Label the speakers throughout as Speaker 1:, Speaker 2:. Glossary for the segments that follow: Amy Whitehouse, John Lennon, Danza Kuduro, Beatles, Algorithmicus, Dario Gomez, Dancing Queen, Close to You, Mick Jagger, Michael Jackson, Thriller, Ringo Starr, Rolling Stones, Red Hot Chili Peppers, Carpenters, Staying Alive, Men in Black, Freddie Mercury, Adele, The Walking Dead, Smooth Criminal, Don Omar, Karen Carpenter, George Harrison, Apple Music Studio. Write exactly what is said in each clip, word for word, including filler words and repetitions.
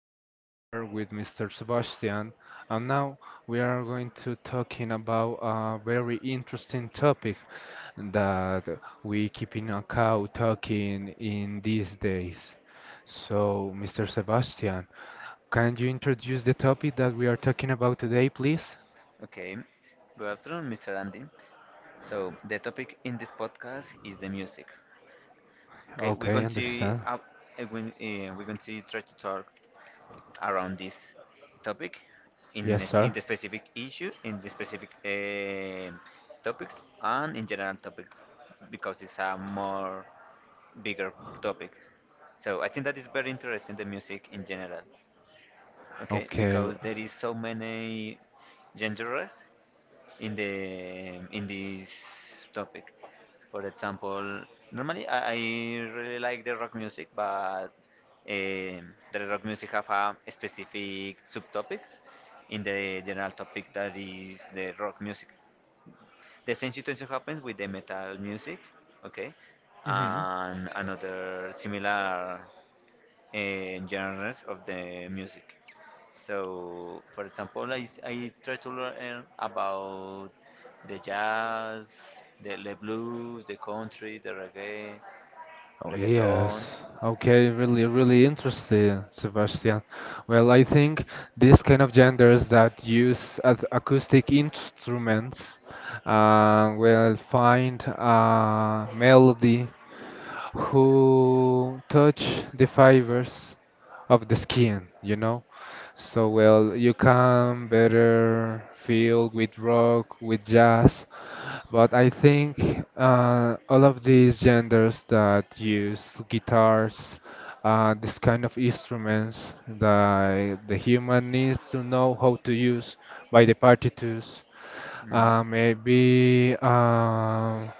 Speaker 1: Here we are with mister Sebastian, and now we are going to talking about a very interesting topic that we keep in a cow talking in these days. So, mister Sebastian, can you introduce the topic that we are talking about today, please?
Speaker 2: Okay. Good afternoon, mister Andy. So the topic in this podcast is the music. Okay, we're
Speaker 1: Okay,
Speaker 2: going to
Speaker 1: understand.
Speaker 2: uh, uh, we, uh, we're going to try to talk around this topic in
Speaker 1: Yes,
Speaker 2: this- in
Speaker 1: sir.
Speaker 2: the specific issue, in the specific um topics, and in general topics because it's a more bigger topic. So I think that is very interesting the music in general. Okay,
Speaker 1: Okay.
Speaker 2: because there is so many genres in the in this topic. For example, normally I, I really like the rock music, but um the rock music have a specific subtopics in the general topic that is the rock music. The same situation happens with the metal music, okay,
Speaker 1: Hmm.
Speaker 2: and another similar uh, genres of the music. So, for example, I, s- I try to learn about the jazz, the, the blues, the country, the reggae,
Speaker 1: Oh, yes.
Speaker 2: reggaeton.
Speaker 1: Okay, really, really interesting, Sebastian. Well, I think these kind of genders that use ac- acoustic instruments uh, will find a melody who touch the fibers of the skin, you know? So, well, you can better feel with rock, with jazz, but I think uh, all of these genders that use guitars, uh, this kind of instruments that the human needs to know how to use by the partitures,
Speaker 2: Mm.
Speaker 1: uh, maybe. Um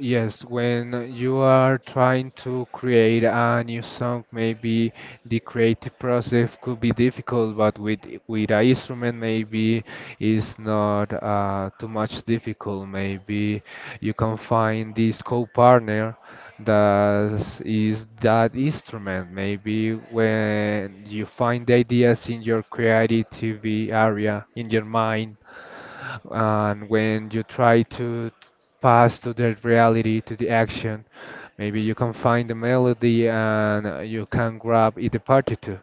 Speaker 1: Yes, when you are trying to create a new song, maybe the creative process could be difficult, but with with an instrument, maybe it's not uh, too much difficult. Maybe you can find this co-partner that is that instrument. Maybe when you find the ideas in your creativity area, in your mind, and when you try to pass to the reality, to the action, maybe you can find the melody and uh, you can grab it, the partiture.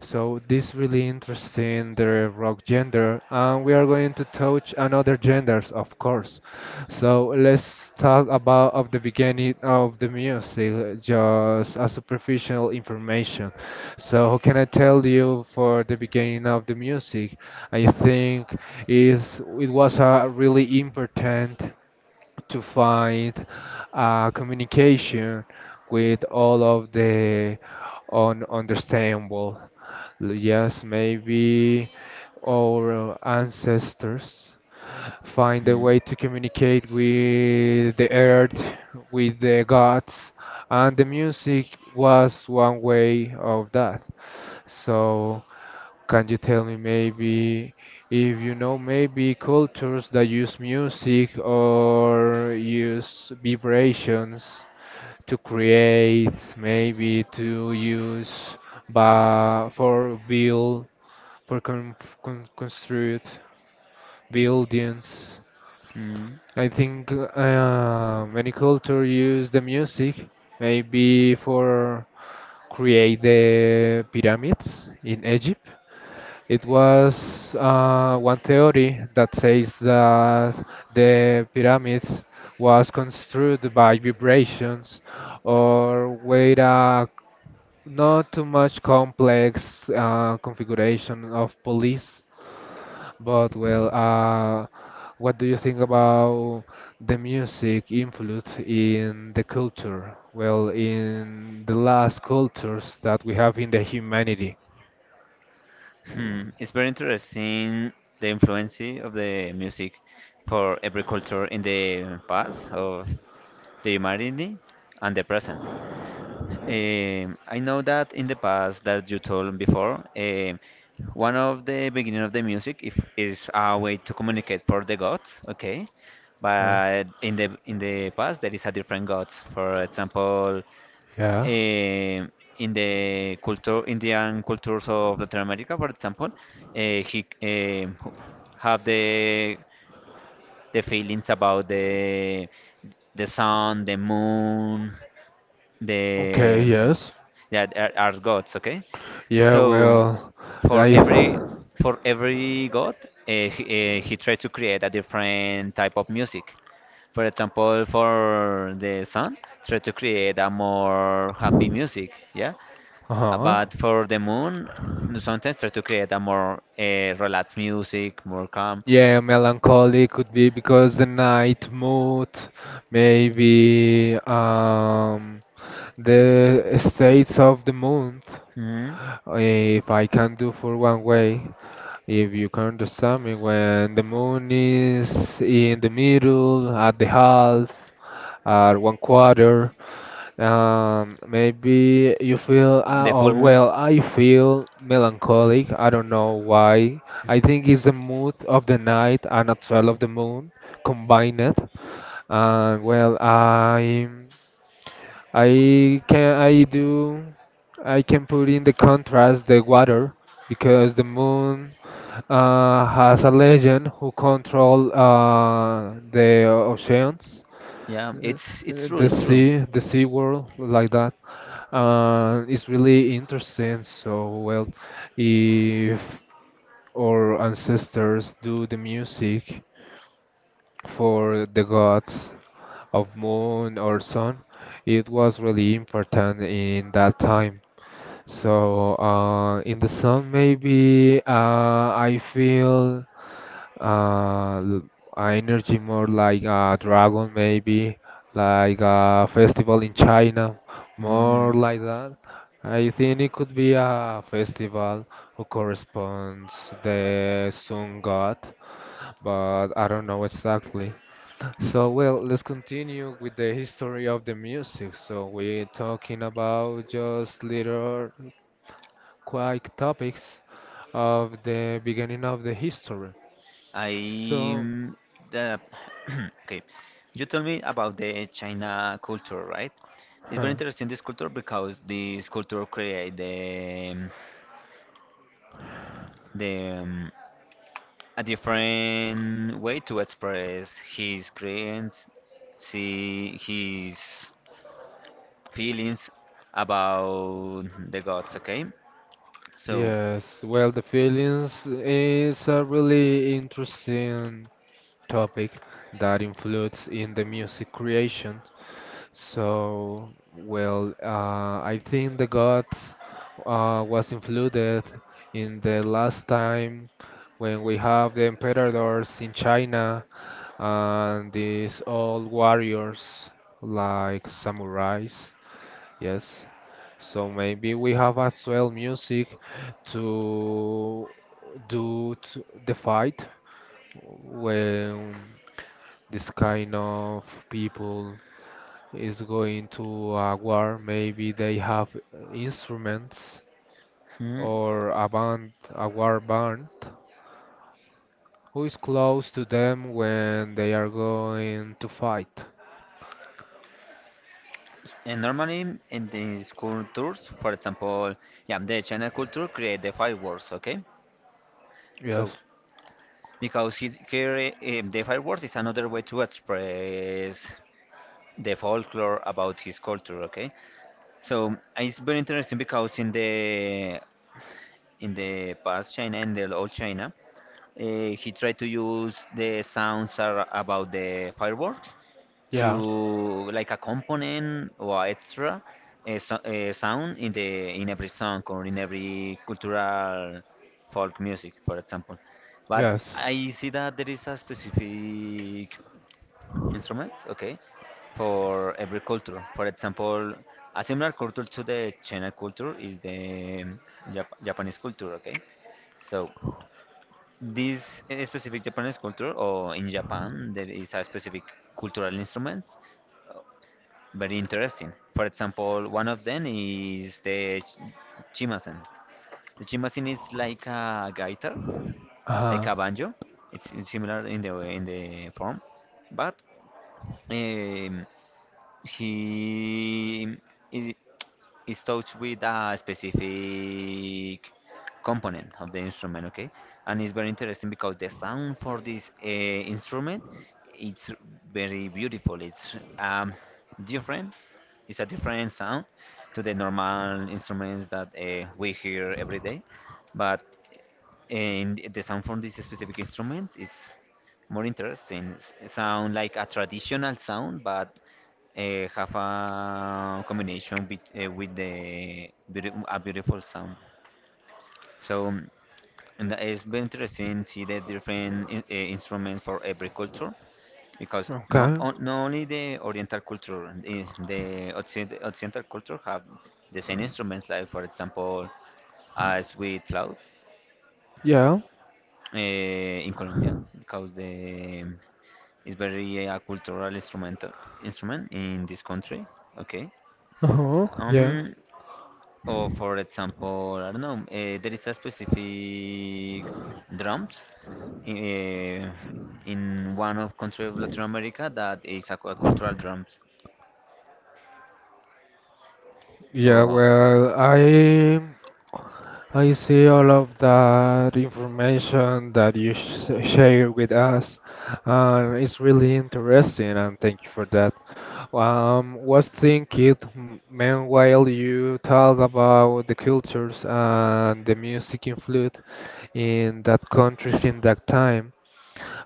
Speaker 1: So this really interesting the rock gender, and we are going to touch another genders, of course. So let's talk about of the beginning of the music, just a superficial information. So how can I tell you for the beginning of the music? I think is it was a really important to find uh, communication with all of the un understandable. Yes, maybe our ancestors find a
Speaker 2: Mm.
Speaker 1: way to communicate with the earth, with the gods, and the music was one way of that. So, can you tell me maybe if you know maybe cultures that use music or use vibrations to create, maybe to use but for build for con con construct buildings?
Speaker 2: Mm.
Speaker 1: I think uh, many culture use the music maybe for create the pyramids in Egypt. It was uh, one theory that says that the pyramids was constructed by vibrations or with a not too much complex uh, configuration of police. But well, uh, what do you think about the music influence in the culture? Well, in the last cultures that we have in the humanity.
Speaker 2: Hmm. It's very interesting the influence of the music for every culture in the past of the humanity and the present. Um, I know that in the past that you told before, um, one of the beginning of the music if, is a way to communicate for the gods, okay?
Speaker 1: Uh,
Speaker 2: But in the in the past there is a different gods. For example,
Speaker 1: yeah.
Speaker 2: um, in the culture Indian cultures of Latin America, for example, uh, he um, have the the feelings about the the sun, the moon,
Speaker 1: Okay.
Speaker 2: the
Speaker 1: Yes.
Speaker 2: that are, are gods, okay,
Speaker 1: Yeah.
Speaker 2: so
Speaker 1: Well,
Speaker 2: for
Speaker 1: I.
Speaker 2: every
Speaker 1: Th-
Speaker 2: for every god, uh, he, uh, he tried to create a different type of music. For example, for the sun tried to create a more happy music, yeah. Uh,
Speaker 1: uh
Speaker 2: but for the moon,
Speaker 1: huh.
Speaker 2: n- sometimes try to create a more uh, relaxed music, more calm.
Speaker 1: Yeah, melancholy could be because the night mood, maybe um, the states of the moon.
Speaker 2: Mhm.
Speaker 1: If I can do for one way, if you can understand me, when the moon is in the middle, at the half, at one quarter, um, maybe you feel, uh,
Speaker 2: The full
Speaker 1: or
Speaker 2: moon,
Speaker 1: well, I feel melancholic. I don't know why. I think it's the mood of the night and a trail of the moon combined. And well, I, I can, I do, I can put in the contrast the water because the moon uh, has a legend who control uh, the oceans,
Speaker 2: yeah,
Speaker 1: uh,
Speaker 2: it's it's true,
Speaker 1: the
Speaker 2: it's true.
Speaker 1: sea, the sea world, like that. Uh, it's really interesting. So, well, if our ancestors do the music for the gods of moon or sun, it was really important in that time. So, uh, in the sun, maybe uh, I feel uh l- uh, energy more like uh dragon maybe like a festival in China,
Speaker 2: Mm-hmm.
Speaker 1: more like that. I think it could be a festival who corresponds the sun god, but I don't know exactly. So well, let's continue with the history of the music, so we're talking about just little quick topics of the beginning of the history,
Speaker 2: I
Speaker 1: so
Speaker 2: mm, the Okay. You told me about the China culture, right? It's very
Speaker 1: huh.
Speaker 2: interesting this culture because this culture create the mm, the um, a different way to express his creations, see his feelings about the gods. Okay, so.
Speaker 1: Yes, well, the feelings is a really interesting topic that influences in the music creation. So, well, uh, I think the gods uh, was included in the last time when we have the emperors in China and these old warriors like samurais. Yes. So maybe we have as well music to do t the fight when this kind of people is going to a war. Maybe they have instruments
Speaker 2: Hmm,
Speaker 1: or a band, a war band, who is close to them when they are going to fight.
Speaker 2: And normally in these cultures, for example, yeah, the China culture create the fireworks, okay?
Speaker 1: Yes.
Speaker 2: So because he, here eh, the fireworks is another way to express the folklore about his culture. Okay, so it's very interesting because in the in the past China and the old China, uh, he tried to use the sounds ar- about the fireworks
Speaker 1: Yeah.
Speaker 2: to like a component or extra uh, so, uh, sound in the in every song or in every cultural folk music, for example. But
Speaker 1: Yes.
Speaker 2: I see that there is a specific instrument, okay, for every culture. For example, a similar culture to the China culture is the um, Jap- Japanese culture, okay. So. This uh, specific Japanese culture, or in Japan, there is a specific cultural instruments. uh, Very interesting. For example, one of them is the ch- chimasen. The chimasen is like a guitar, like
Speaker 1: Uh-huh.
Speaker 2: a banjo. It's it's similar in the in the form, but um, he is, is touched with a specific component of the instrument, okay? And it's very interesting because the sound for this uh, instrument it's very beautiful. It's um, different. It's a different sound to the normal instruments that uh, we hear every day, but eh, in the sound from this specific instrument, it's more interesting. It sound like a traditional sound, but uh, have a combination with, uh, with the beauti- a beautiful sound. So um, and that it's been interesting see the different in, uh, instruments for every culture because
Speaker 1: Okay.
Speaker 2: not, on- not only the Oriental culture, the, the Occid- Occidental culture have the same instruments, like for example a sweet flout
Speaker 1: Yeah.
Speaker 2: uh, in Colombia because the it's very uh, a cultural instrumental instrument in this country. Okay.
Speaker 1: Uh-huh. Yeah.
Speaker 2: Um, Or for example, I don't know, uh, there is a specific drums uh, in one of country of Latin America that is a, cu- cultural drums.
Speaker 1: Yeah,
Speaker 2: Or
Speaker 1: well, I I see all of that information that you sh share with us, and it's really interesting, and thank you for that. Um, was thinking, m- meanwhile, you talk about the cultures and the music influence in that countries in that time,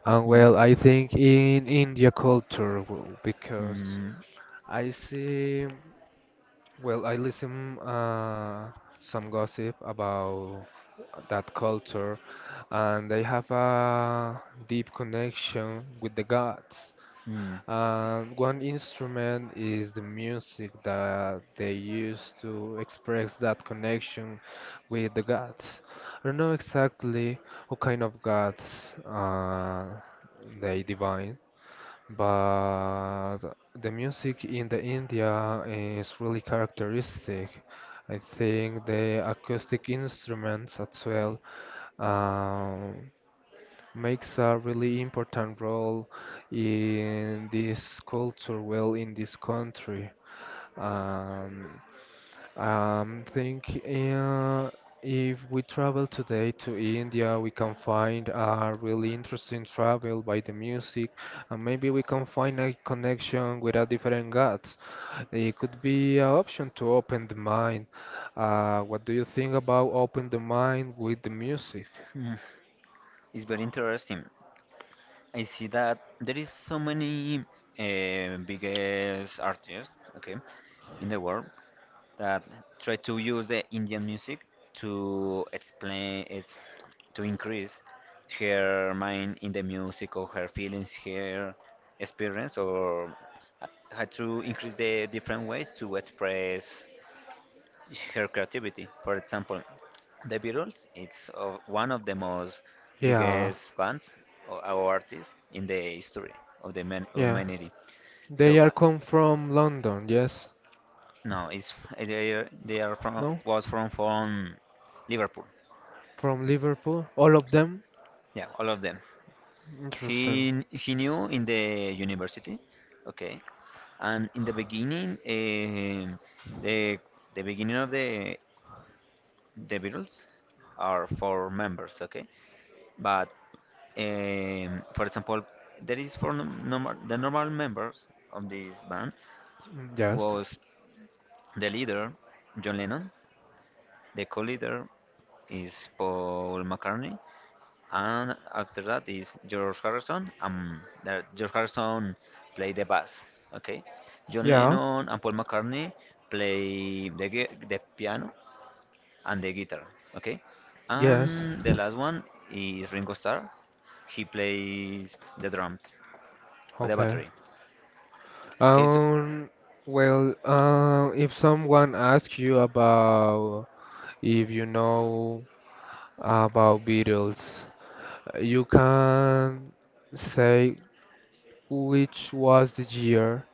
Speaker 1: and
Speaker 2: Hmm,
Speaker 1: well, I think in India culture, w- because
Speaker 2: hmm,
Speaker 1: I see. Well, I listen uh, some gossip about that culture, and they have a deep connection with the gods.
Speaker 2: hmm,
Speaker 1: And one instrument is the music that they use to express that connection with the gods. I don't know exactly what kind of gods uh, they divine, but the music in the India eh, is really characteristic. I think the acoustic instruments as well um, makes a really important role in this culture, well, in this country. Um, um, think uh, if we travel today to India, we can find a really interesting travel by the music, and maybe we can find a connection with a different gods. It could be an option to open the mind. Uh, what do you think about open the mind with the music?
Speaker 2: hmm. It's very interesting. I see that there is so many uh, biggest artists, okay, in the world, that try to use the Indian music to explain it's to increase her mind in the music or her feelings, her experience, or uh, how to increase the different ways to express her creativity. For example, the Beatles it's uh, one of the most
Speaker 1: Yeah,
Speaker 2: biggest bands, or, or artists in the history of the man-
Speaker 1: yeah.
Speaker 2: humanity.
Speaker 1: They
Speaker 2: So
Speaker 1: are
Speaker 2: uh,
Speaker 1: come from London, yes?
Speaker 2: no, it's they are, they are from
Speaker 1: No?
Speaker 2: was from from Liverpool.
Speaker 1: From Liverpool. All of them?
Speaker 2: Yeah, all of them.
Speaker 1: Interesting.
Speaker 2: He he knew in the university, okay, and in the beginning, um the the beginning of the the Beatles are four members, okay, but um, for example, there is for num- normal the normal members of this band
Speaker 1: Mm, yes.
Speaker 2: was the leader John Lennon, the co-leader is Paul McCartney, and after that is George Harrison. Um, there- George Harrison play the bass. Okay. John
Speaker 1: Yeah.
Speaker 2: Lennon and Paul McCartney play the gui- the piano and the guitar. Okay.
Speaker 1: Yes.
Speaker 2: And the last one is Ringo Starr. He plays the drums or the
Speaker 1: Okay.
Speaker 2: battery. Okay. So
Speaker 1: Um, well, uh, if someone asks you about if you know about Beatles, you can say which was the year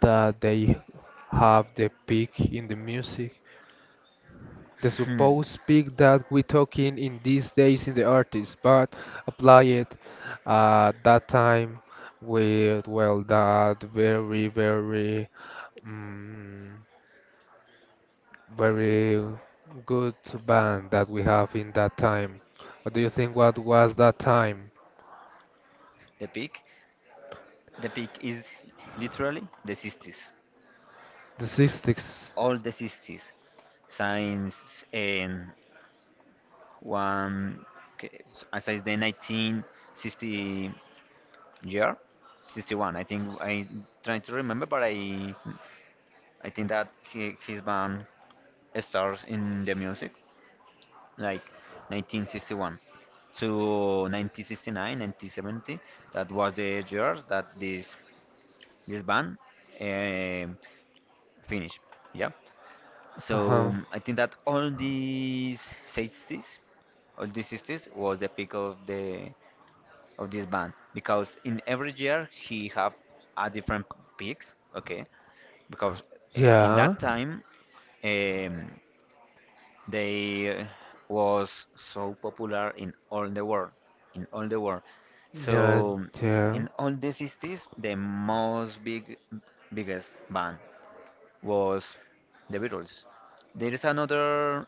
Speaker 1: that they have the peak in the music. The
Speaker 2: hmm,
Speaker 1: supposed speak that we talking in these days in the artist, but apply it at that time with well that very very mm, very good band that we have in that time. What do you think? What was that time?
Speaker 2: the peak, the peak is literally the sixties.
Speaker 1: The sixties.
Speaker 2: All the sixties since um, one okay, s- as the nineteen sixty year, sixty-one, I think. I'm trying to remember, but I I think that he, his band stars in the music like nineteen sixty-one to nineteen sixty-nine, nineteen seventy, that was the years that this this band um finished, yeah. So
Speaker 1: Uh-huh.
Speaker 2: I think that all these sixties, all these sixties was the peak of the of this band because in every year he have a different peaks, okay, because i- in
Speaker 1: Yeah.
Speaker 2: that time um, they was so popular in all the world, in all the world.
Speaker 1: Yeah.
Speaker 2: So
Speaker 1: Yeah.
Speaker 2: in all the sixties the most big biggest band was the Beatles. There is another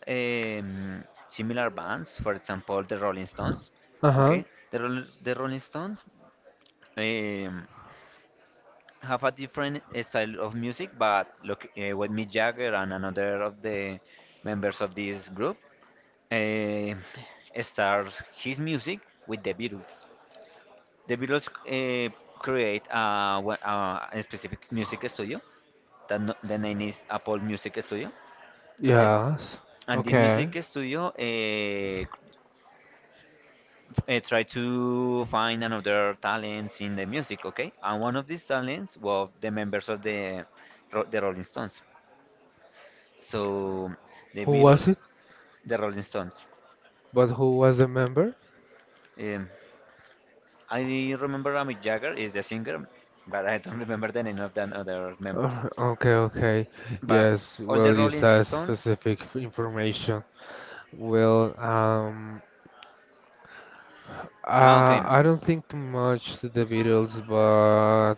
Speaker 2: um, similar bands, for example the Rolling Stones,
Speaker 1: Uh-huh.
Speaker 2: okay. The, Roll- the Rolling Stones um, have a different uh, style of music, but look, uh, with Mick Jagger and another of the members of this group, uh, starts his music with the Beatles. The Beatles uh, create uh, wha- uh, a specific music studio. That, no, the name is Apple Music Studio. Okay,
Speaker 1: Yes.
Speaker 2: and this
Speaker 1: Okay.
Speaker 2: music studio uh, uh, try to find another talents in the music, okay? And one of these talents was the members of the Ro- the Rolling Stones. So the
Speaker 1: Who was
Speaker 2: Beatles,
Speaker 1: it?
Speaker 2: the Rolling Stones.
Speaker 1: But who was the member?
Speaker 2: Um, I remember Mick Jagger is the singer, but I don't remember the name of the other members.
Speaker 1: Uh, okay, okay.
Speaker 2: But
Speaker 1: Yes,
Speaker 2: all
Speaker 1: well,
Speaker 2: the Rolling
Speaker 1: it's a
Speaker 2: Stones.
Speaker 1: specific f- information. Well, um,
Speaker 2: Ah, okay.
Speaker 1: Uh, I don't think too much to the Beatles, but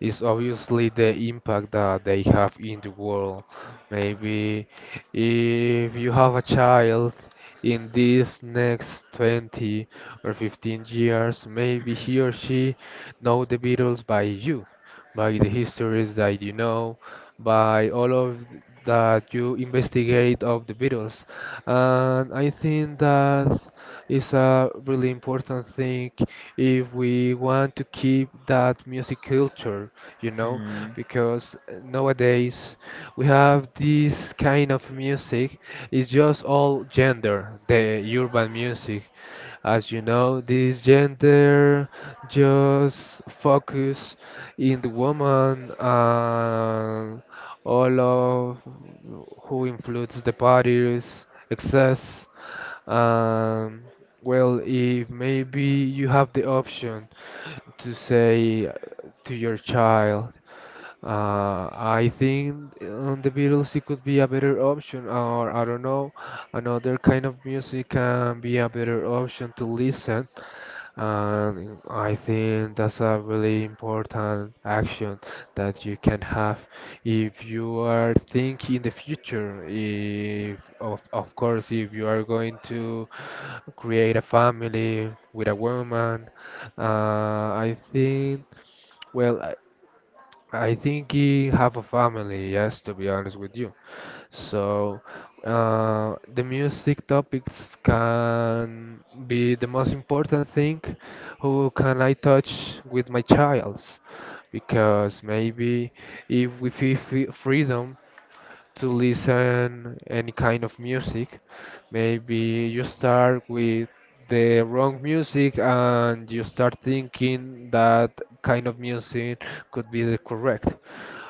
Speaker 1: it's obviously the impact that they have in the world. Maybe if you have a child in these next twenty or fifteen years, maybe he or she know the Beatles by you, by the histories that you know, by all of that you investigate of the Beatles. And I think that is a really important thing if we want to keep that music culture, you know,
Speaker 2: Hmm.
Speaker 1: because nowadays we have this kind of music, it's just all gender, the urban music. As you know, this gender just focus in the woman and all of who influence the parties, excess. Um, well, if maybe you have the option to say to your child, uh, I think on the Beatles it could be a better option, or I don't know, another kind of music can be a better option to listen, and I think that's a really important action that you can have if you are thinking in the future. If of of course if you are going to create a family with a woman, uh, I think well I, I think you have a family. Yes, to be honest with you. So, uh, the music topics can be the most important thing. Who can I touch with my child? Because maybe if we feel free- freedom to listen any kind of music, maybe you start with the wrong music and you start thinking that kind of music could be the correct.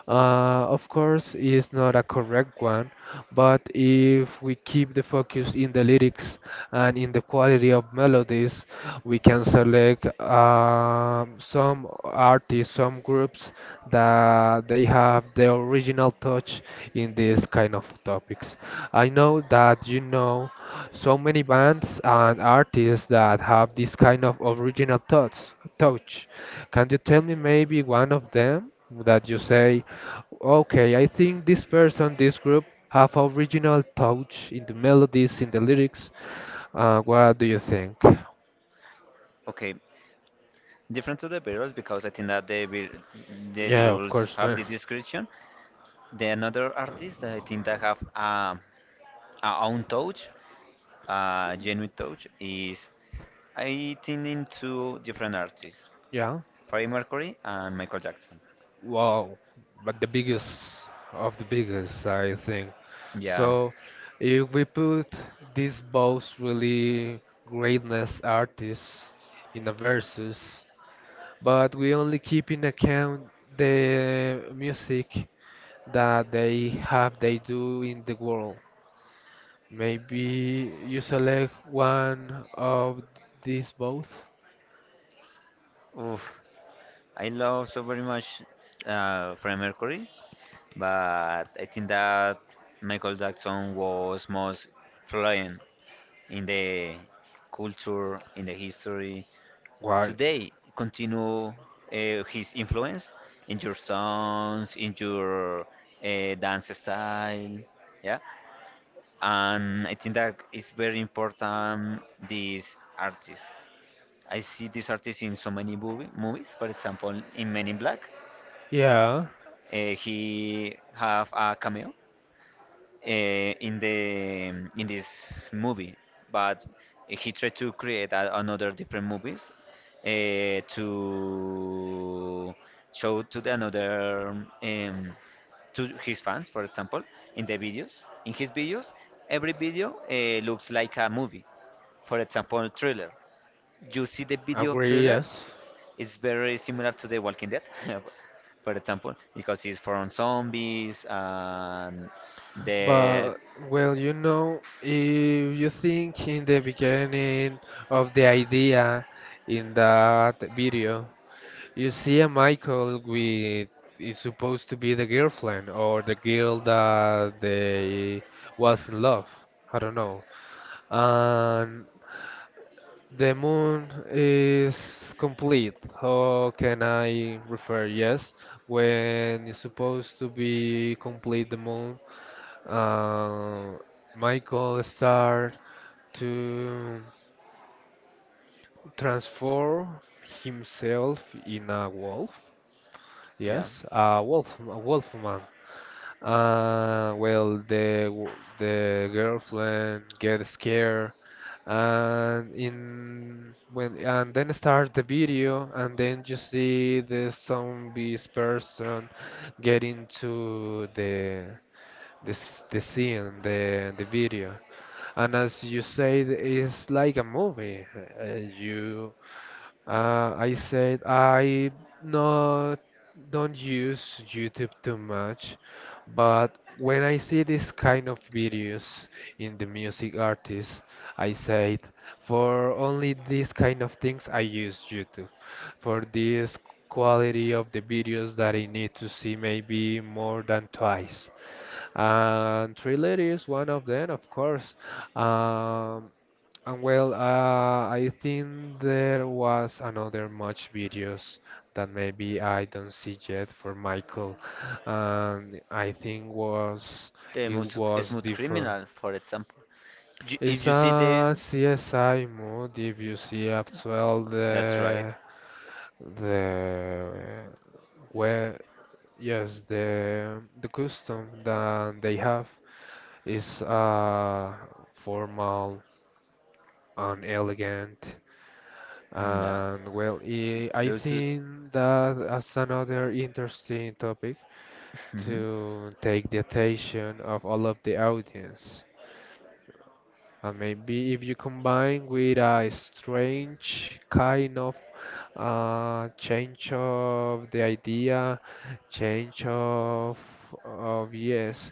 Speaker 1: Uh, of course, it's not a correct one, but if we keep the focus in the lyrics and in the quality of melodies, we can select um, some artists, some groups that they have the original touch in these kind of topics. I know that you know so many bands and artists that have this kind of original thoughts touch. Can you tell me maybe one of them that you say, okay, I think this person, this group have original touch in the melodies, in the lyrics. Uh, what do you think?
Speaker 2: Okay. Different to the Beatles because I think that the Be- the
Speaker 1: Yeah, of
Speaker 2: Beatles
Speaker 1: course,
Speaker 2: have
Speaker 1: man.
Speaker 2: this description. The another artist that I think that have um our own touch, uh, genuine touch, is I think in two different artists,
Speaker 1: Yeah.
Speaker 2: Freddie Mercury and Michael Jackson.
Speaker 1: Wow. But the biggest of the biggest, I think.
Speaker 2: Yeah.
Speaker 1: So if we put these both really greatness artists in a versus, but we only keep in account the music that they have they do in the world. Maybe you select one of these both.
Speaker 2: Oof. I love so very much uh, Freddie Mercury, but I think that Michael Jackson was most fluent in the culture, in the history. Today, continue uh, his influence in your songs, in your uh, dance style. Yeah, and I think that is very important. These artists, I see this artist in so many movie, movies. For example, in Men in Black,
Speaker 1: Yeah,
Speaker 2: uh, he have a cameo uh, in the in this movie, but he tried to create a, another different movies uh, to show to the another um, to his fans, for example, in the videos. In his videos, every video uh, looks like a movie. For example, Thriller. You see the video of
Speaker 1: agree,
Speaker 2: Thriller,
Speaker 1: yes.
Speaker 2: it's very similar to The Walking Dead, for example, because it's from zombies and the
Speaker 1: But well, you know, if you think in the beginning of the idea in that video, you see a Michael with is supposed to be the girlfriend or the girl that they was in love. I don't know. And the moon is complete. How can I refer? Yes, when it's supposed to be complete, the moon, uh, Michael start to transform himself in a wolf.
Speaker 2: yeah,
Speaker 1: Yes, a wolf, a wolf man. Uh, well, the w- the girlfriend get scared, and in when and then start the video, and then you see the zombies person get into the the s- the scene, the the video, and as you say, it's like a movie. Uh, you uh, I said I not don't use YouTube too much, but when I see this kind of videos in the music artists, I said for only these kind of things I use YouTube. For this quality of the videos that I need to see maybe more than twice and Thriller is one of them, of course. Um, and well, uh, I think there was another much videos that maybe I don't see yet for Michael, and I think was
Speaker 2: the
Speaker 1: it
Speaker 2: most
Speaker 1: was
Speaker 2: Smooth
Speaker 1: different.
Speaker 2: Criminal, for example. You, if
Speaker 1: It's
Speaker 2: you see the,
Speaker 1: a C S I mode if you see as well
Speaker 2: that's right.
Speaker 1: the the where yes the the custom that they have. It's uh, formal and elegant.
Speaker 2: Mm, Yeah,
Speaker 1: And well, i I
Speaker 2: Lose. l-
Speaker 1: think that as another interesting topic
Speaker 2: Mhm.
Speaker 1: to take the attention of all of the audience. And maybe if you combine with a strange kind of uh, change of the idea, change of of yes,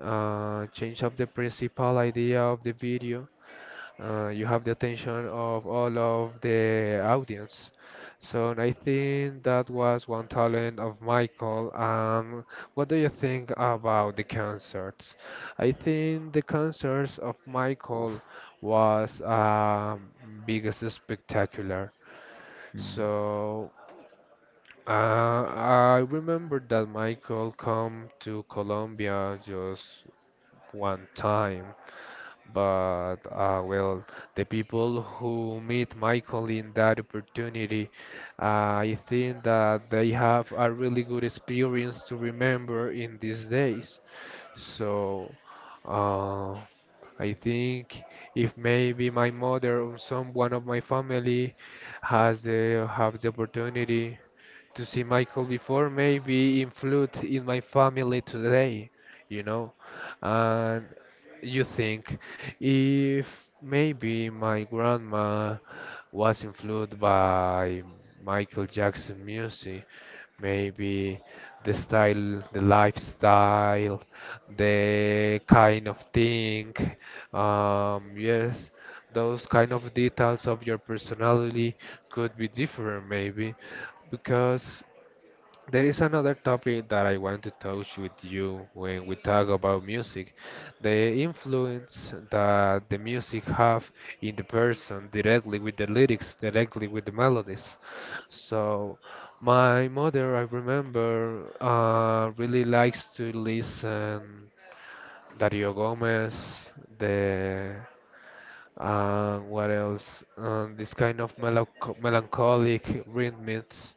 Speaker 1: uh, change of the principal idea of the video uh, you have the attention of all of the audience. So I think that was one talent of Michael. Um, what do you think about the concerts? I think the concerts of
Speaker 2: Oof.
Speaker 1: Michael was um, biggest spectacular.
Speaker 2: Mm.
Speaker 1: So uh, I remember that Michael come to Colombia just one time but uh, well, the people who meet Michael in that opportunity, uh, I think that they have a really good experience to remember in these days. So uh, I think if maybe my mother or some one of my family has the have the opportunity to see Michael before, maybe influence in my family today, you know. And you think if maybe my grandma was influenced by Michael Jackson music, maybe the style, the lifestyle, the kind of thing, um, yes, those kind of details of your personality could be different maybe because there is another topic that I want to touch with you when we talk about music, the influence that the music have in the person directly with the lyrics, directly with the melodies. So my mother, I remember, uh, really likes to listen Dario Gomez, the uh, what else? Um, this kind of melancho melancholic rhythms,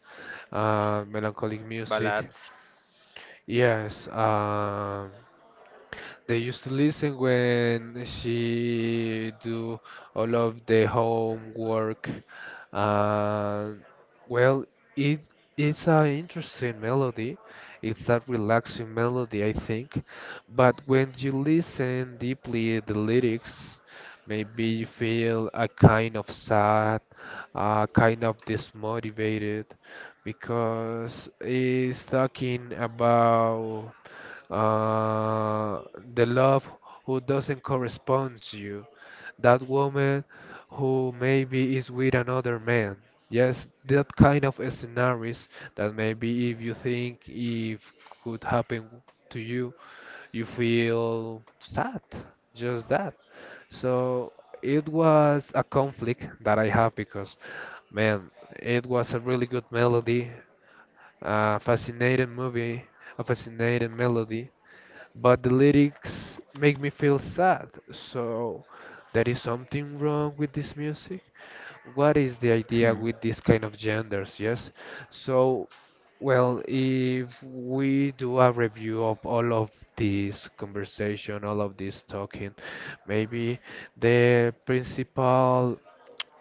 Speaker 1: uh, melancholic music.
Speaker 2: Ballads.
Speaker 1: Yes. Um, they used to listen when she do all of the homework. And well, it it's an interesting melody. It's a relaxing melody, I think. But when you listen deeply the lyrics, maybe you feel a kind of sad, a kind of dismotivated, because it's talking about uh, the love who doesn't correspond to you, that woman who maybe is with another man. Yes, that kind of scenarios that maybe if you think if could happen to you, you feel sad, just that. So it was a conflict that I have because, man, it was a really good melody, a fascinating movie, a fascinating melody but the lyrics make me feel sad. So there is something wrong with this music. What is the idea
Speaker 2: Mm.
Speaker 1: with this kind of genders? Yes. So, well, if we do a review of all of this conversation, all of this talking, maybe the principal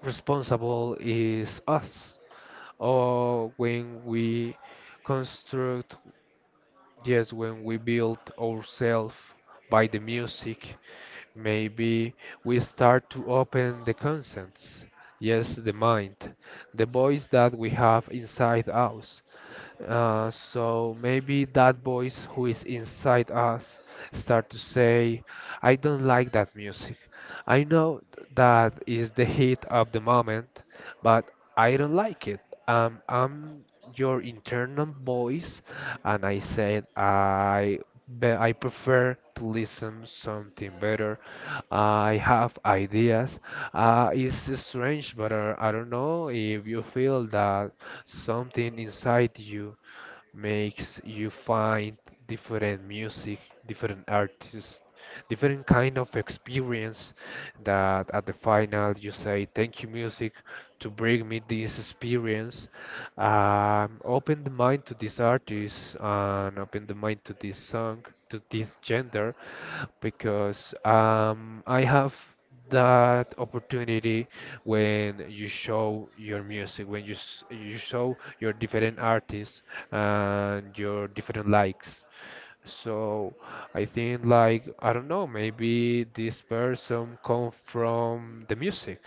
Speaker 1: responsible is us, or when we construct Yes, when we build ourselves by the music, maybe we start to open the conscience. Yes, the mind, the voice that we have inside us. Uh, so maybe that voice who is inside us start to say, I don't like that music. I know that is the hit of the moment, but I don't like it. Um, I'm your internal voice, and I said I but I prefer to listen something better. I have ideas. Uh, it's strange, but uh, I don't know if you feel that something inside you makes you find different music, different artists, different kind of experience that at the final you say, thank you, music to bring me this experience. Um, open the mind to this artist and open the mind to this song, to this gender, because um, I have that opportunity when you show your music, when you s- you show your different artists and your different likes. So I think like I don't know, maybe this person come from the music.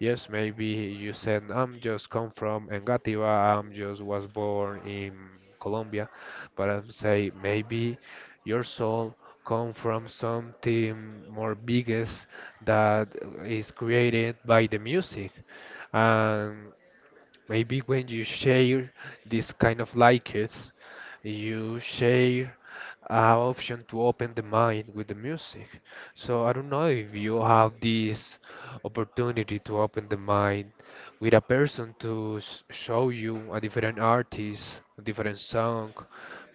Speaker 1: Yes, maybe you said, I'm just come from Engativá, I'm just was born in Colombia, but I would say maybe your soul come from something more biggest that is created by the music. And maybe when you share this kind of likes, you share an option to open the mind with the music. So I don't know if you have this opportunity to open the mind with a person to s- show you a different artist, a different song.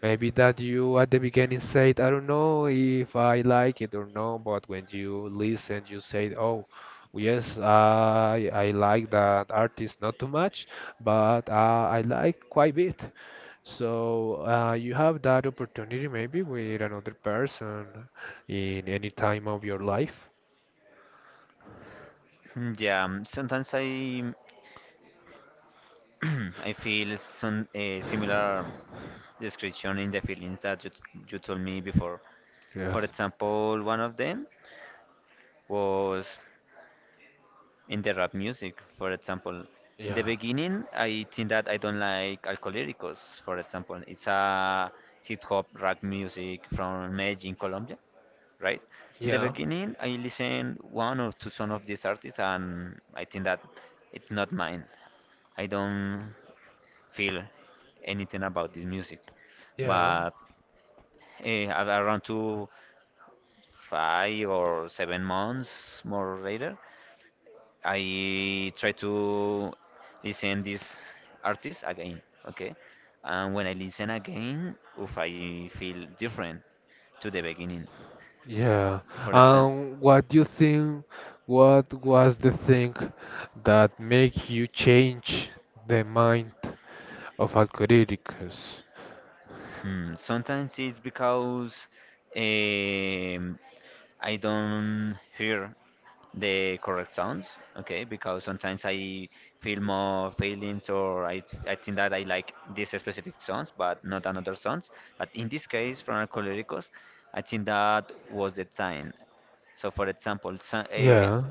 Speaker 1: Maybe that you at the beginning said, I don't know if I like it or no, but when you listen, you said, oh, yes, I I like that artist not too much, but uh, I like quite a bit. So uh, you have that opportunity maybe with another person in any time of your life.
Speaker 2: Mm, Yeah, um, sometimes I I feel some a similar description in the feelings that you t- you told me before.
Speaker 1: Yeah.
Speaker 2: For example, one of them was in the rap music, for example. In the
Speaker 1: Yeah.
Speaker 2: beginning, I think that I don't like Alcohólicos, for example. It's a hip hop rap music from Medellin, Colombia, right? In the
Speaker 1: Yeah.
Speaker 2: beginning, I listen one or two songs of these artists, and I think that it's not mine. I don't feel anything about this music.
Speaker 1: Yeah.
Speaker 2: But eh, at around two, five or seven months more later, I try to listen this artist again, okay? And when I listen again, if I feel different to the beginning,
Speaker 1: Yeah.
Speaker 2: for example,
Speaker 1: Um, what do you think? What was the thing that make you change the mind of Algorithmicus?
Speaker 2: hmm, sometimes it's because um, I don't hear the correct sounds, okay? Because sometimes I feel more feelings or I, th- I think that I like these specific sounds, but not another sounds. But in this case, from Alcoholicos, I think that was the sign. So, for example, so,
Speaker 1: Yeah.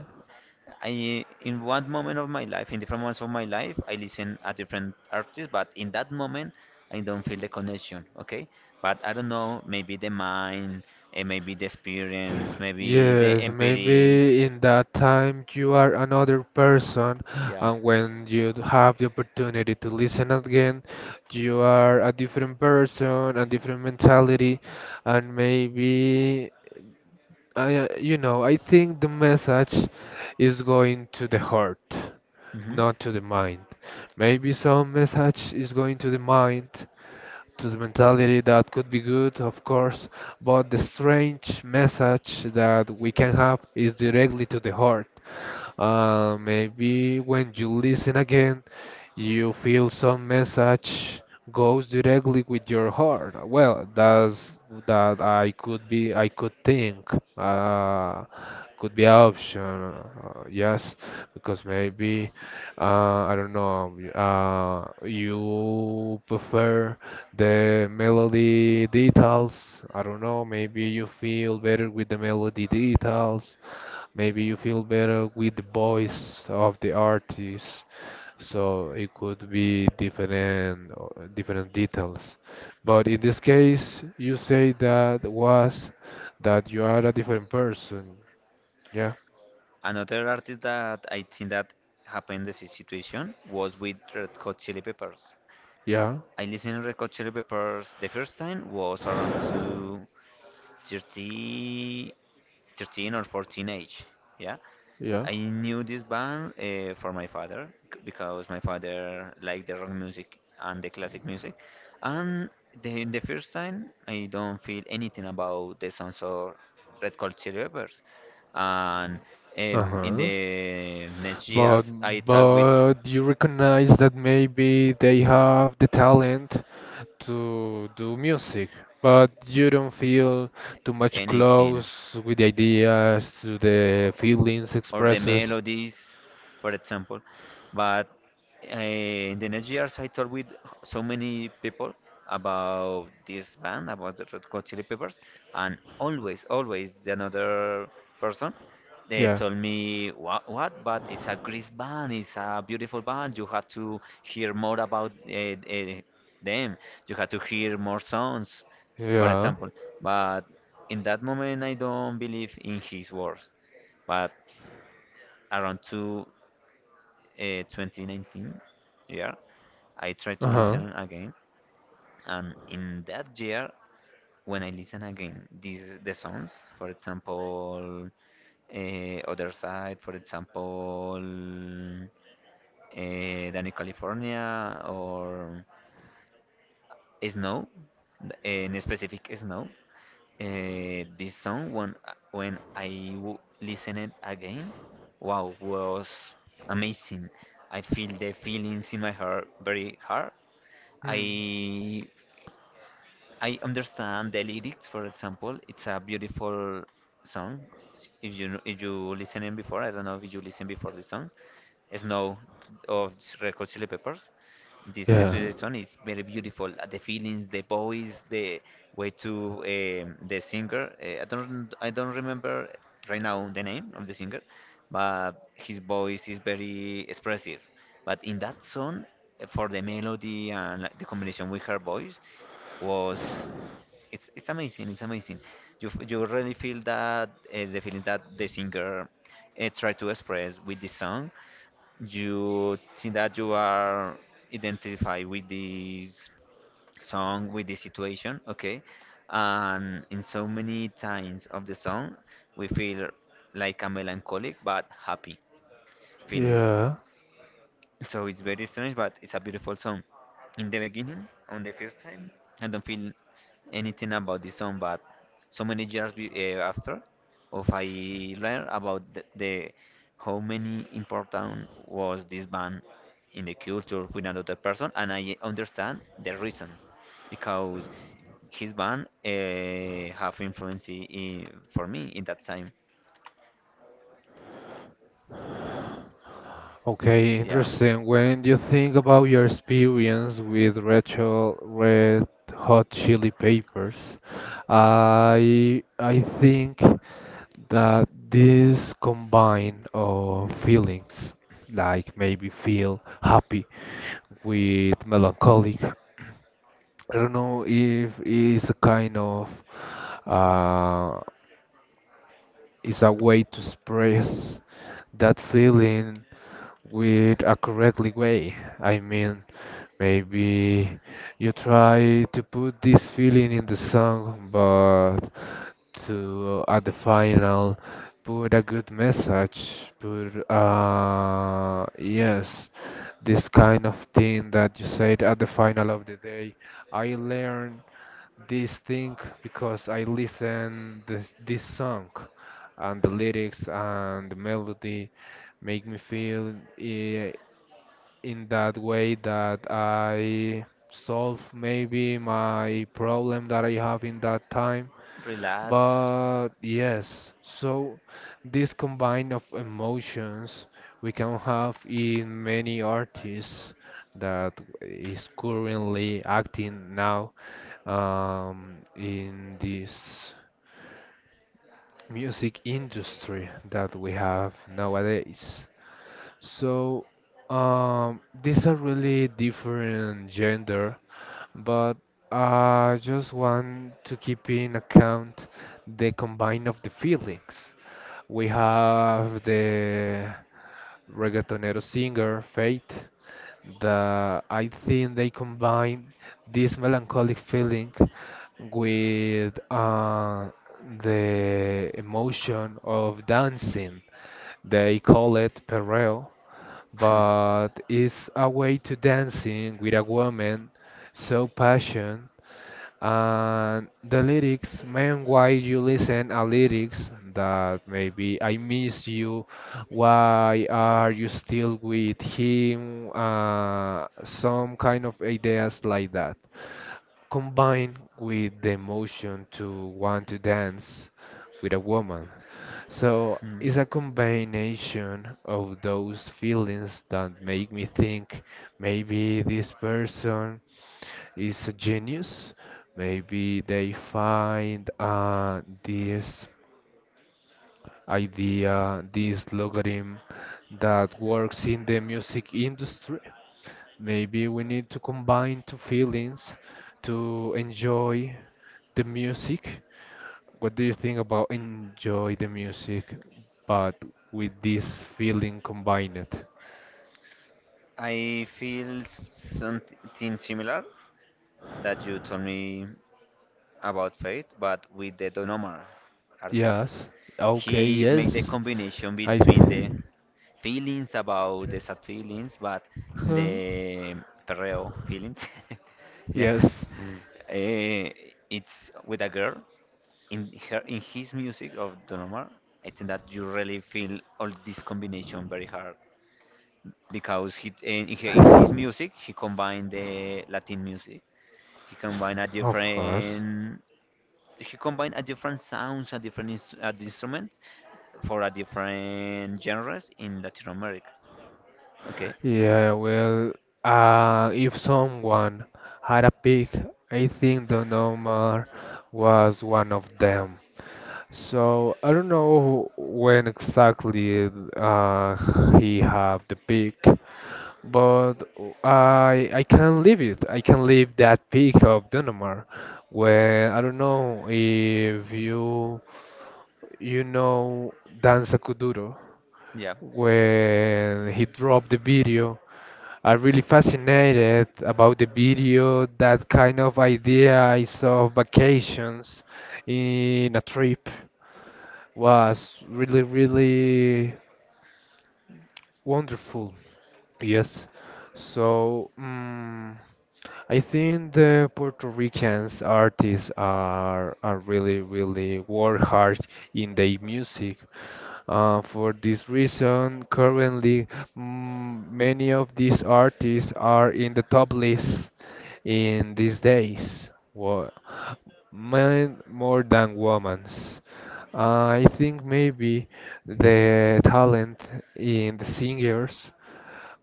Speaker 2: I in one moment of my life, in different moments of my life, I listen a different artist, but in that moment, I don't feel the connection. Okay, but I don't know. Maybe the mind, eh, maybe the experience, maybe the
Speaker 1: Yes,
Speaker 2: empiric.
Speaker 1: maybe in that time you are another person,
Speaker 2: Yeah.
Speaker 1: and when you d- have the opportunity to listen again, you are a different person, a different mentality, and maybe I, uh, you know, I think the message is going to the heart,
Speaker 2: hmm
Speaker 1: not to the mind. Maybe some message is going to the mind, to the mentality that could be good, of course, but the strange message that we can have is directly to the heart. Uh, maybe when you listen again, you feel some message goes directly with your heart. Well, that's that I could be, I could think, uh, could be an option. Uh, yes, because maybe, uh, I don't know, y- uh, you prefer the melody details. I don't know, maybe you feel better with the melody details. Maybe you feel better with the voice of the artist, so it could be different uh, different details. But in this case, you say that was that you are a different person. Yeah,
Speaker 2: Another artist that I think that happened this situation was with Red Hot Chili Peppers.
Speaker 1: yeah,
Speaker 2: I listened to Red Hot Chili Peppers the first time was around two thirty thirteen or fourteen age. Yeah.
Speaker 1: yeah.
Speaker 2: I knew this band uh, for my father c- because my father liked the rock music and the classic music. And the, the first time, I don't feel anything about the songs of Red Hot Chili Peppers. And um, in
Speaker 1: Uh-huh.
Speaker 2: the next
Speaker 1: But
Speaker 2: years, I talk with
Speaker 1: but you recognize that maybe they have the talent to do music, but you don't feel too much
Speaker 2: anything.
Speaker 1: close with the ideas, to the feelings
Speaker 2: Or the
Speaker 1: expresses.
Speaker 2: melodies, for example. But uh, in the next years, I talked with so many people about this band, about the Red Hot Chili Peppers, and always, always the another person, they
Speaker 1: Yeah.
Speaker 2: told me what, what but it's a great band, it's a beautiful band, you have to hear more about uh, uh, them, you have to hear more songs, for
Speaker 1: Yeah.
Speaker 2: example, but in that moment I don't believe in his words, but around two, uh, twenty nineteen year, I tried to
Speaker 1: Huh?
Speaker 2: listen again, and in that year, when I listen again, these the songs, for example, uh, Other Side, for example, uh, Danny California, or snow, in specific snow. Uh, this song when when I w listen it again, wow, was amazing. I feel the feelings in my heart very hard. I I understand the lyrics, for example. It's a beautiful song. If you kn- if you listening before, I don't know if you listen before this song, Snow of Red Hot Chili Peppers. This
Speaker 1: Yeah.
Speaker 2: expression is very beautiful. uh, The feelings, the voice, the way to um, the singer. Uh, I don't I don't remember right now the name of the singer, but his voice is very expressive. But in that song, uh, for the melody and like, the combination with her voice, was it's it's amazing. It's amazing. You f- you really feel that uh, the feeling that the singer uh, tried to express with this song, you think that you are identified with this song, with the situation, okay? And in so many times of the song, we feel like a melancholic but happy feelings.
Speaker 1: Yeah.
Speaker 2: So it's very strange, but it's a beautiful song. In the beginning, on the first time, I don't feel anything about this song, but so many years be, uh, after, of I learned about the, the how many important was this band in the culture with another person, and I understand the reason because his band uh, have influence in, for me in that time.
Speaker 1: Okay,
Speaker 2: Yeah,
Speaker 1: interesting. When you think about your experience with Rachel Red Hot Chili Peppers, I I think that this combine of feelings, like maybe feel happy with melancholic, I don't know if it's a kind of uh, is a way to express that feeling with a correctly way. I mean, maybe you try to put this feeling in the song, but to uh, at the final put a good message, put uh yes, this kind of thing that you said at the final of the day. I learned this thing because I listen this this song and the lyrics and the melody make me feel I- in that way that I solve maybe my problem that I have in that time
Speaker 2: relax.
Speaker 1: but yes, so this combine of emotions we can have in many artists that is currently acting now um, in this music industry that we have nowadays. So um, these are really different gender but I just want to keep in account the combine of the feelings. We have the reggaetonero singer Faith that I think they combine this melancholic feeling with uh, the emotion of dancing. They call it perreo, but it's a way to dancing with a woman so passion and the lyrics, man, why you listen a lyrics that maybe I miss you, why are you still with him? Uh, some kind of ideas like that. Combined with the emotion to want to dance with a woman. So
Speaker 2: Hmm.
Speaker 1: it's a combination of those feelings that make me think maybe this person is a genius. Maybe they find uh, this idea, this logarithm that works in the music industry. Maybe we need to combine two feelings to enjoy the music. What do you think about enjoy the music, but with this feeling combined?
Speaker 2: I feel s- something similar that you told me about Faith, but with the Don Omar artist.
Speaker 1: Yes. Okay,
Speaker 2: He make the
Speaker 1: yes.
Speaker 2: combination
Speaker 1: I
Speaker 2: between the
Speaker 1: th-
Speaker 2: feelings about the sad feelings, but
Speaker 1: Huh?
Speaker 2: the perreo feelings. Yeah.
Speaker 1: Yes.
Speaker 2: Eh, it's with a girl in her in his music of Don Omar. I think that you really feel all this combination very hard because he in, in in his music he combined the Latin music. He combined a
Speaker 1: Of course.
Speaker 2: different he combined a different sounds, a different inst- a instruments for a different genres in Latin America. Okay,
Speaker 1: Yeah, well, uh, if someone had a pick, I think the Nomar was one of them. So I don't know when exactly uh, he have the pick, but I I can leave it. I can leave that pick of the number. Well, I don't know if you you know Danza Kuduro.
Speaker 2: yeah.
Speaker 1: When he dropped the video. I really fascinated about the video, that kind of idea I saw of vacations in a trip was really, really wonderful. Yes. So, mm I think the Puerto Ricans artists are, are really, really work hard in their music. Uh, for this reason, currently mm, many of these artists are in the top list in these days. Wo- men more than women's. I think maybe the talent in the singers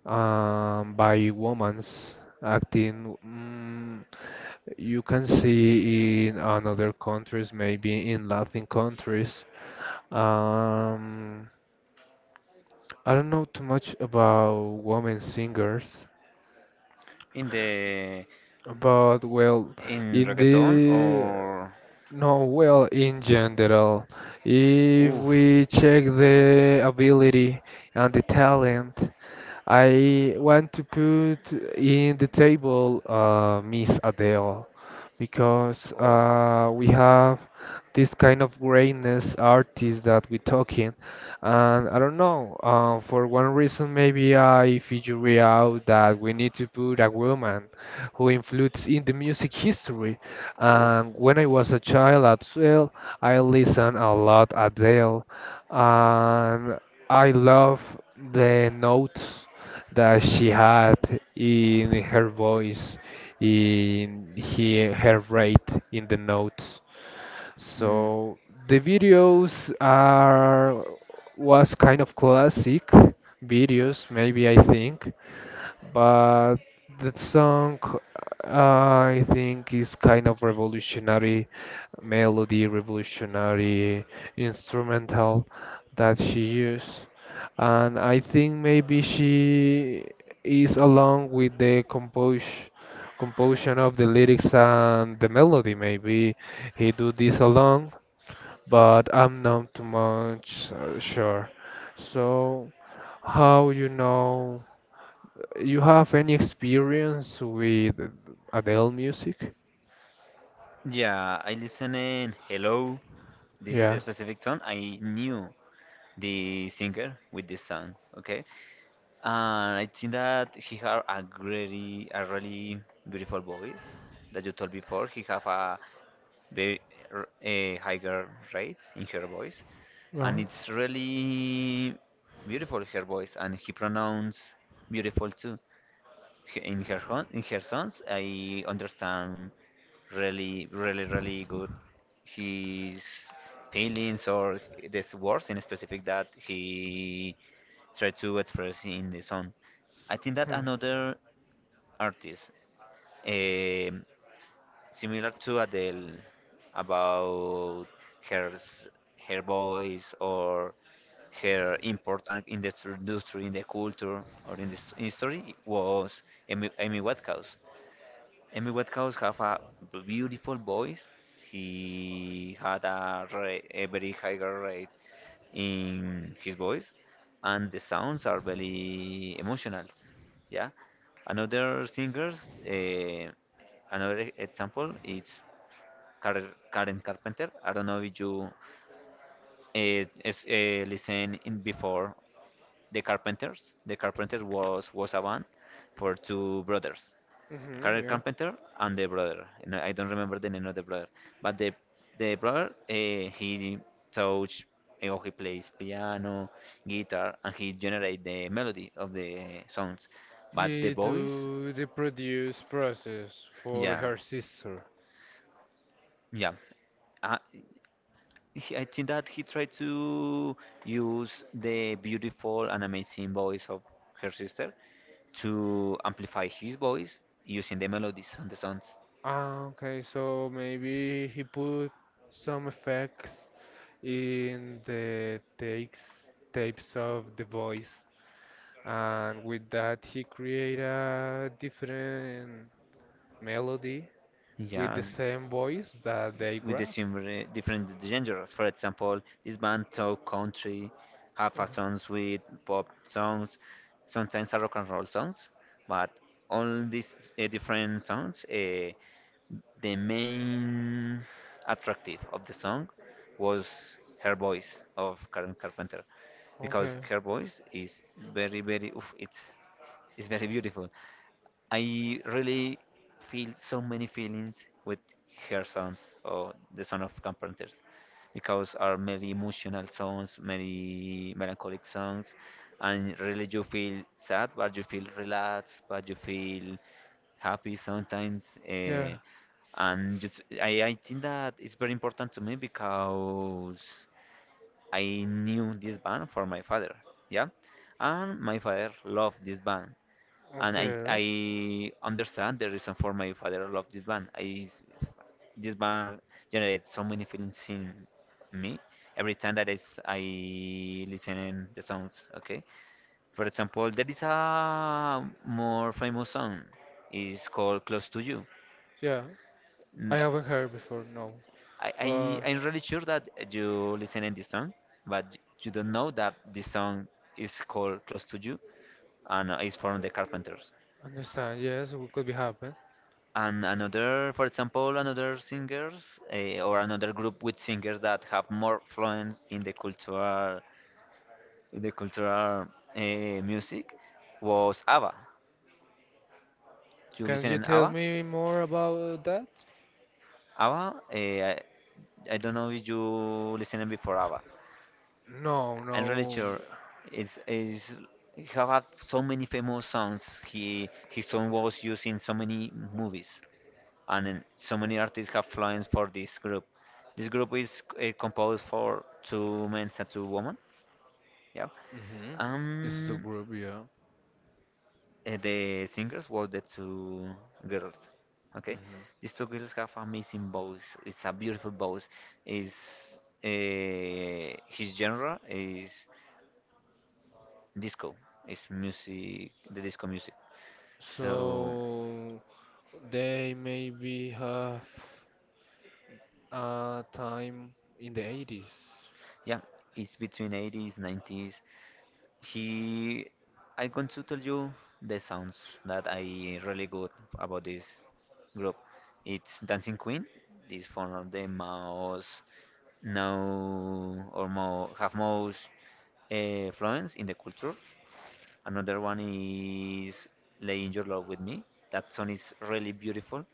Speaker 1: um, by women's acting mm, you can see in another countries, maybe in Latin countries. Um, I don't know too much about women singers,
Speaker 2: In the
Speaker 1: but well,
Speaker 2: in
Speaker 1: in
Speaker 2: reggaeton
Speaker 1: the
Speaker 2: or
Speaker 1: no, well, in general, if
Speaker 2: oof
Speaker 1: we check the ability and the talent, I want to put in the table uh, Miss Adele, because
Speaker 2: or
Speaker 1: uh, we have this kind of greatness artist that we're talking, and I don't know. Uh, for one reason, maybe I figure out that we need to put a woman who influenced in the music history.
Speaker 2: oof.
Speaker 1: And when I was a child as well, I listened a lot Adele, and I love the notes that she had in her voice, in he, her rate, in the notes.
Speaker 2: Hmm.
Speaker 1: So the videos are was kind of classic videos, maybe I think, but that song I think is kind of revolutionary melody, revolutionary instrumental that she used. And I think maybe she is along with the compos composition of the lyrics and the melody. Maybe he do this alone, but I'm not too much uh, sure. So how you know? You have any experience with Adele music?
Speaker 2: Yeah, I listen in Hello. This
Speaker 1: Yeah.
Speaker 2: specific song I knew the singer with this song, okay, and I think that he had a really a really beautiful voice, that you told before he have a very r- a higher rate in her voice, and
Speaker 1: Uh-huh.
Speaker 2: it's really beautiful her voice, and he pronounce beautiful too. H- in her hon- in her songs I understand really really really good his feelings or these words in specific that he tried to express in the song. I think that another
Speaker 1: Hmm.
Speaker 2: artist um similar to Adele about her s- her voice or her importance in the stru- industry, in the culture, or in the s- history was Amy, Amy Whitehouse. Amy Whitehouse have a beautiful voice. He had a, ra- a very higher rate in his voice, and the sounds are very emotional. Yeah. Another singers, uh, another example is Karen, Karen Carpenter. I don't know if you uh, is, uh, listen in before the Carpenters. The Carpenters was was a band for two brothers.
Speaker 1: Mhm,
Speaker 2: Carl
Speaker 1: yeah.
Speaker 2: Carpenter and the brother. And I don't remember the name of the brother, but the the brother uh, he touch eh, or he plays piano, guitar, and he generate the melody of the songs. But the
Speaker 1: He
Speaker 2: voice,
Speaker 1: do the produce process for
Speaker 2: yeah,
Speaker 1: her sister.
Speaker 2: yeah. I, he- I think that he tried to use the beautiful and amazing voice of her sister to amplify his voice using the melodies and the sounds.
Speaker 1: Ah, okay, so maybe he put some effects in the takes tapes of the voice, and with that he create a different melody with
Speaker 2: Yeah,
Speaker 1: the
Speaker 2: and
Speaker 1: same voice that they
Speaker 2: with the
Speaker 1: grab.
Speaker 2: similar, different genres. For example, this band talk country, have a songs with pop songs, sometimes a rock and roll songs, but all these uh, different songs, uh, the main attractive of the song was her voice of Karen Carpenter, because
Speaker 1: Okay.
Speaker 2: her voice is very, very, oof, it's it's very beautiful. I really feel so many feelings with her songs or the son of Carpenters because are many emotional songs, many melancholic songs, and really you feel sad, but you feel relaxed, but you feel happy sometimes.
Speaker 1: Yeah.
Speaker 2: Uh, and just I, I think that it's very important to me because I knew this band from my father, yeah, and my father loved this band, and I
Speaker 1: Okay.
Speaker 2: I understand the reason for my father love this band. I s- this band generates so many feelings in me every time that I s- I listen in the songs. Okay, for example, there is a more famous song. It's called "Close to You."
Speaker 1: Yeah. I
Speaker 2: N-
Speaker 1: haven't heard before. No.
Speaker 2: I,
Speaker 1: But
Speaker 2: I I'm really sure that you listen in this song, but y- you don't know that this song is called "Close to You" and uh, it's from the Carpenters.
Speaker 1: understand. Yes, it could be happen.
Speaker 2: And another, for example, another singers uh, or another group with singers that have more fluence in the cultural, in the cultural uh, music was ABBA. You
Speaker 1: Can
Speaker 2: listen
Speaker 1: you
Speaker 2: in
Speaker 1: tell
Speaker 2: ABBA?
Speaker 1: me more about that?
Speaker 2: ABBA, uh, I, I don't know if you listened before ABBA.
Speaker 1: No.
Speaker 2: I'm really
Speaker 1: No.
Speaker 2: sure it's, it's he have had so many famous songs. He his song was used in so many movies, and then so many artists have influence for this group. This group is uh, composed for two men and two women. Yeah.
Speaker 1: Mm-hmm. It's a
Speaker 2: Um,
Speaker 1: group. Yeah.
Speaker 2: uh, the singers was the two girls. Okay, these
Speaker 1: Hmm.
Speaker 2: two girls have amazing voice. It's a beautiful voice. Is uh, his genre is disco. It's music, the disco music. So
Speaker 1: So they maybe have a time in the eighties.
Speaker 2: yeah, it's between eighties, nineties. He, I'm going to tell you the sounds that I really good about this group. It's Dancing Queen. This from the mouse now or more have most uh, fluence in the culture. Another one is Laying Your Love with Me. That song is really beautiful.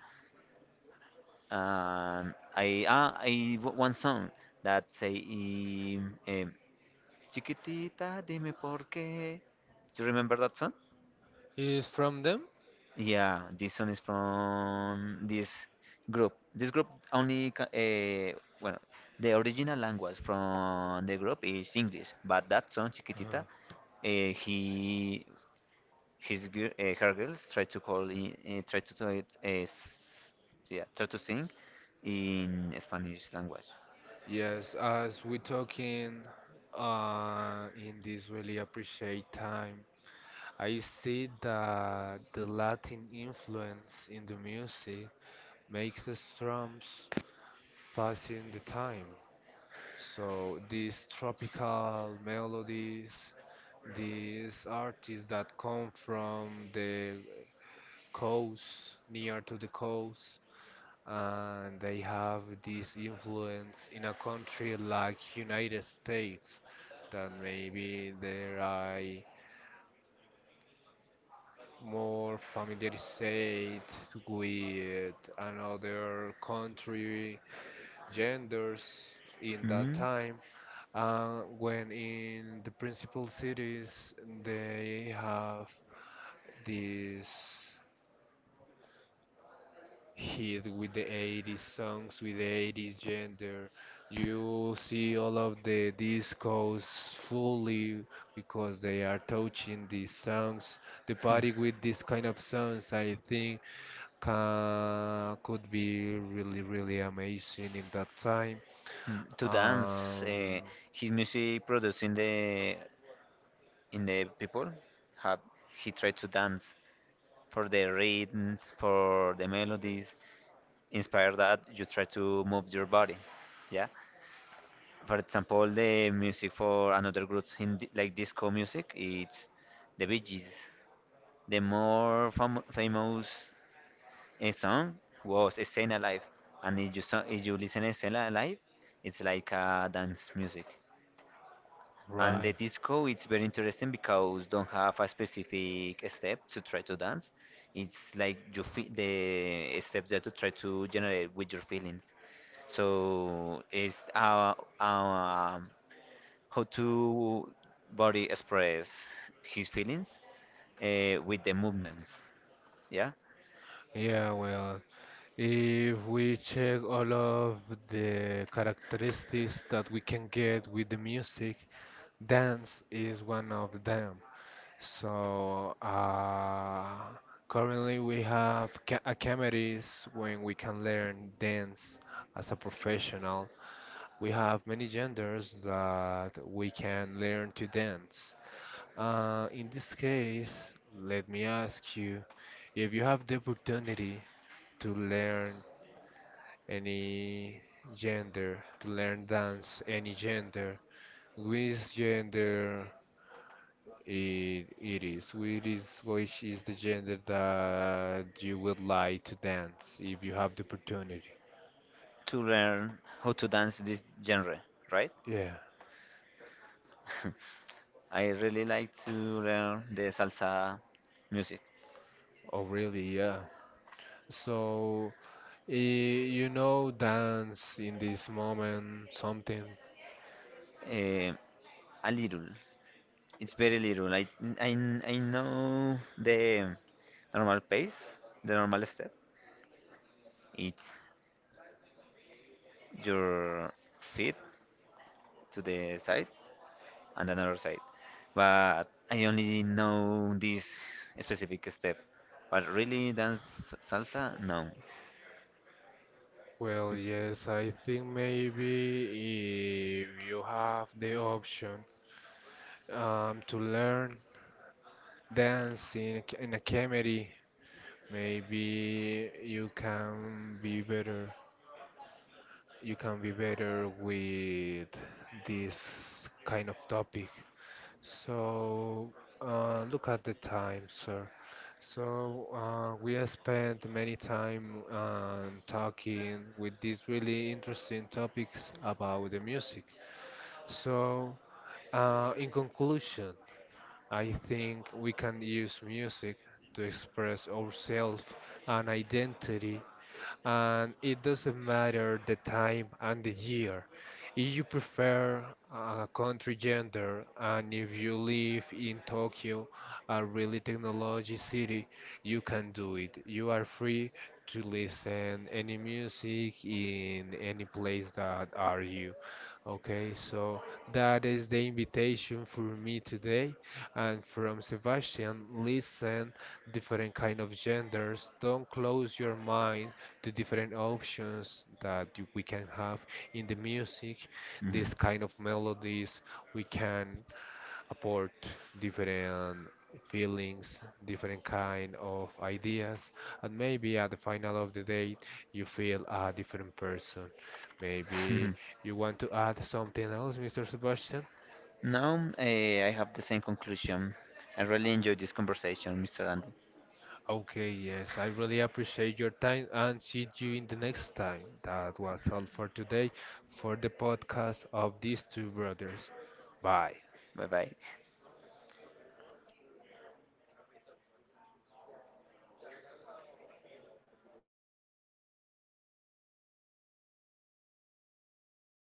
Speaker 2: And I ah, I w- one song that say um, Chiquitita, dime por qué. Do you remember that song?
Speaker 1: Is from them?
Speaker 2: Yeah, this song is from this group. This group only, uh, well, the original language from the group is English, but that song, Chiquitita,
Speaker 1: Uh-huh.
Speaker 2: uh, he, his, gir- uh, her girls try to call, in, uh, try to tell it, uh, s- yeah, try to sing in Spanish language.
Speaker 1: Yes, as we talking uh, in this really appreciate time, I see that the Latin influence in the music makes the drums passing the time. So these tropical melodies, these artists that come from the coast, near to the coast, and they have this influence in a country like United States that maybe they are more familiarized with another country genders in that
Speaker 2: Hmm,
Speaker 1: time. Uh, when in the principal cities, they have this hit with the eighties songs, with the eighties gender. You see all of the discos fully because they are touching these songs. The
Speaker 2: hmm,
Speaker 1: party with this kind of songs, I think, ca could be really, really amazing in that time.
Speaker 2: hmm. To dance,
Speaker 1: Um,
Speaker 2: uh, his music produced in the in the people have he tried to dance for the rhythms, for the melodies. Inspired that, you try to move your body. Yeah. For example, the music for another groups in di- like disco music, it's the Bee Gees. The more fam- famous eh, song was Staying Alive, and if you so- if you listen to Staying Alive, it's like uh, dance music. And
Speaker 1: right.
Speaker 2: the disco, it's very interesting because don't have a specific step to try to dance. It's like you feel the steps that you try to generate with your feelings. So it's uh, um, how to body express his feelings uh, with the movements. Yeah,
Speaker 1: Yeah, well, if we check all of the characteristics that we can get with the music, dance is one of them. So, uh, currently we have ca academies when we can learn dance as a professional. We have many genders that we can learn to dance. Uh, in this case, let me ask you if you have the opportunity to learn any gender, to learn dance any gender, which gender it, it is, which is which is the gender that you would like to dance if you have the opportunity.
Speaker 2: to learn how to dance this genre, right?
Speaker 1: Yeah.
Speaker 2: I really like to learn the salsa music
Speaker 1: Oh, really? Yeah. So, eh, you know, dance in this moment, something.
Speaker 2: uh, a little. It's very little. I I I know the normal pace, the normal step. It's your feet to the side and another side. But I only know this specific step. But really dance salsa? No.
Speaker 1: Well, yes, I think maybe if you have the option um, to learn dancing in a comedy, maybe you can be better, you can be better with this kind of topic. So uh, look at the time sir, so uh, we have spent many time um, talking with these really interesting topics about the music. So uh, in conclusion, I think we can use music to express ourselves and identity, and it doesn't matter the time and the year. If you prefer a country gender and if you live in Tokyo, a really technology city, you can do it. You are free to listen any music in any place that are you. Okay, so that is the invitation for me today and from Sebastian, listen different kind of genders. Don't close your mind the different options that you- we can have in the music, this
Speaker 2: Mm-hmm.
Speaker 1: kind of melodies, we can apport different feelings, different kind of ideas, and maybe at the final of the day you feel a different person. Maybe you want to add something else, mister Sebastian?
Speaker 2: Now, eh, I have the same conclusion. I really enjoyed this conversation, mister Andy.
Speaker 1: Okay, yes, I really appreciate your time and see you in the next time. That was all for today for the podcast of these two brothers. Bye.
Speaker 2: Bye bye.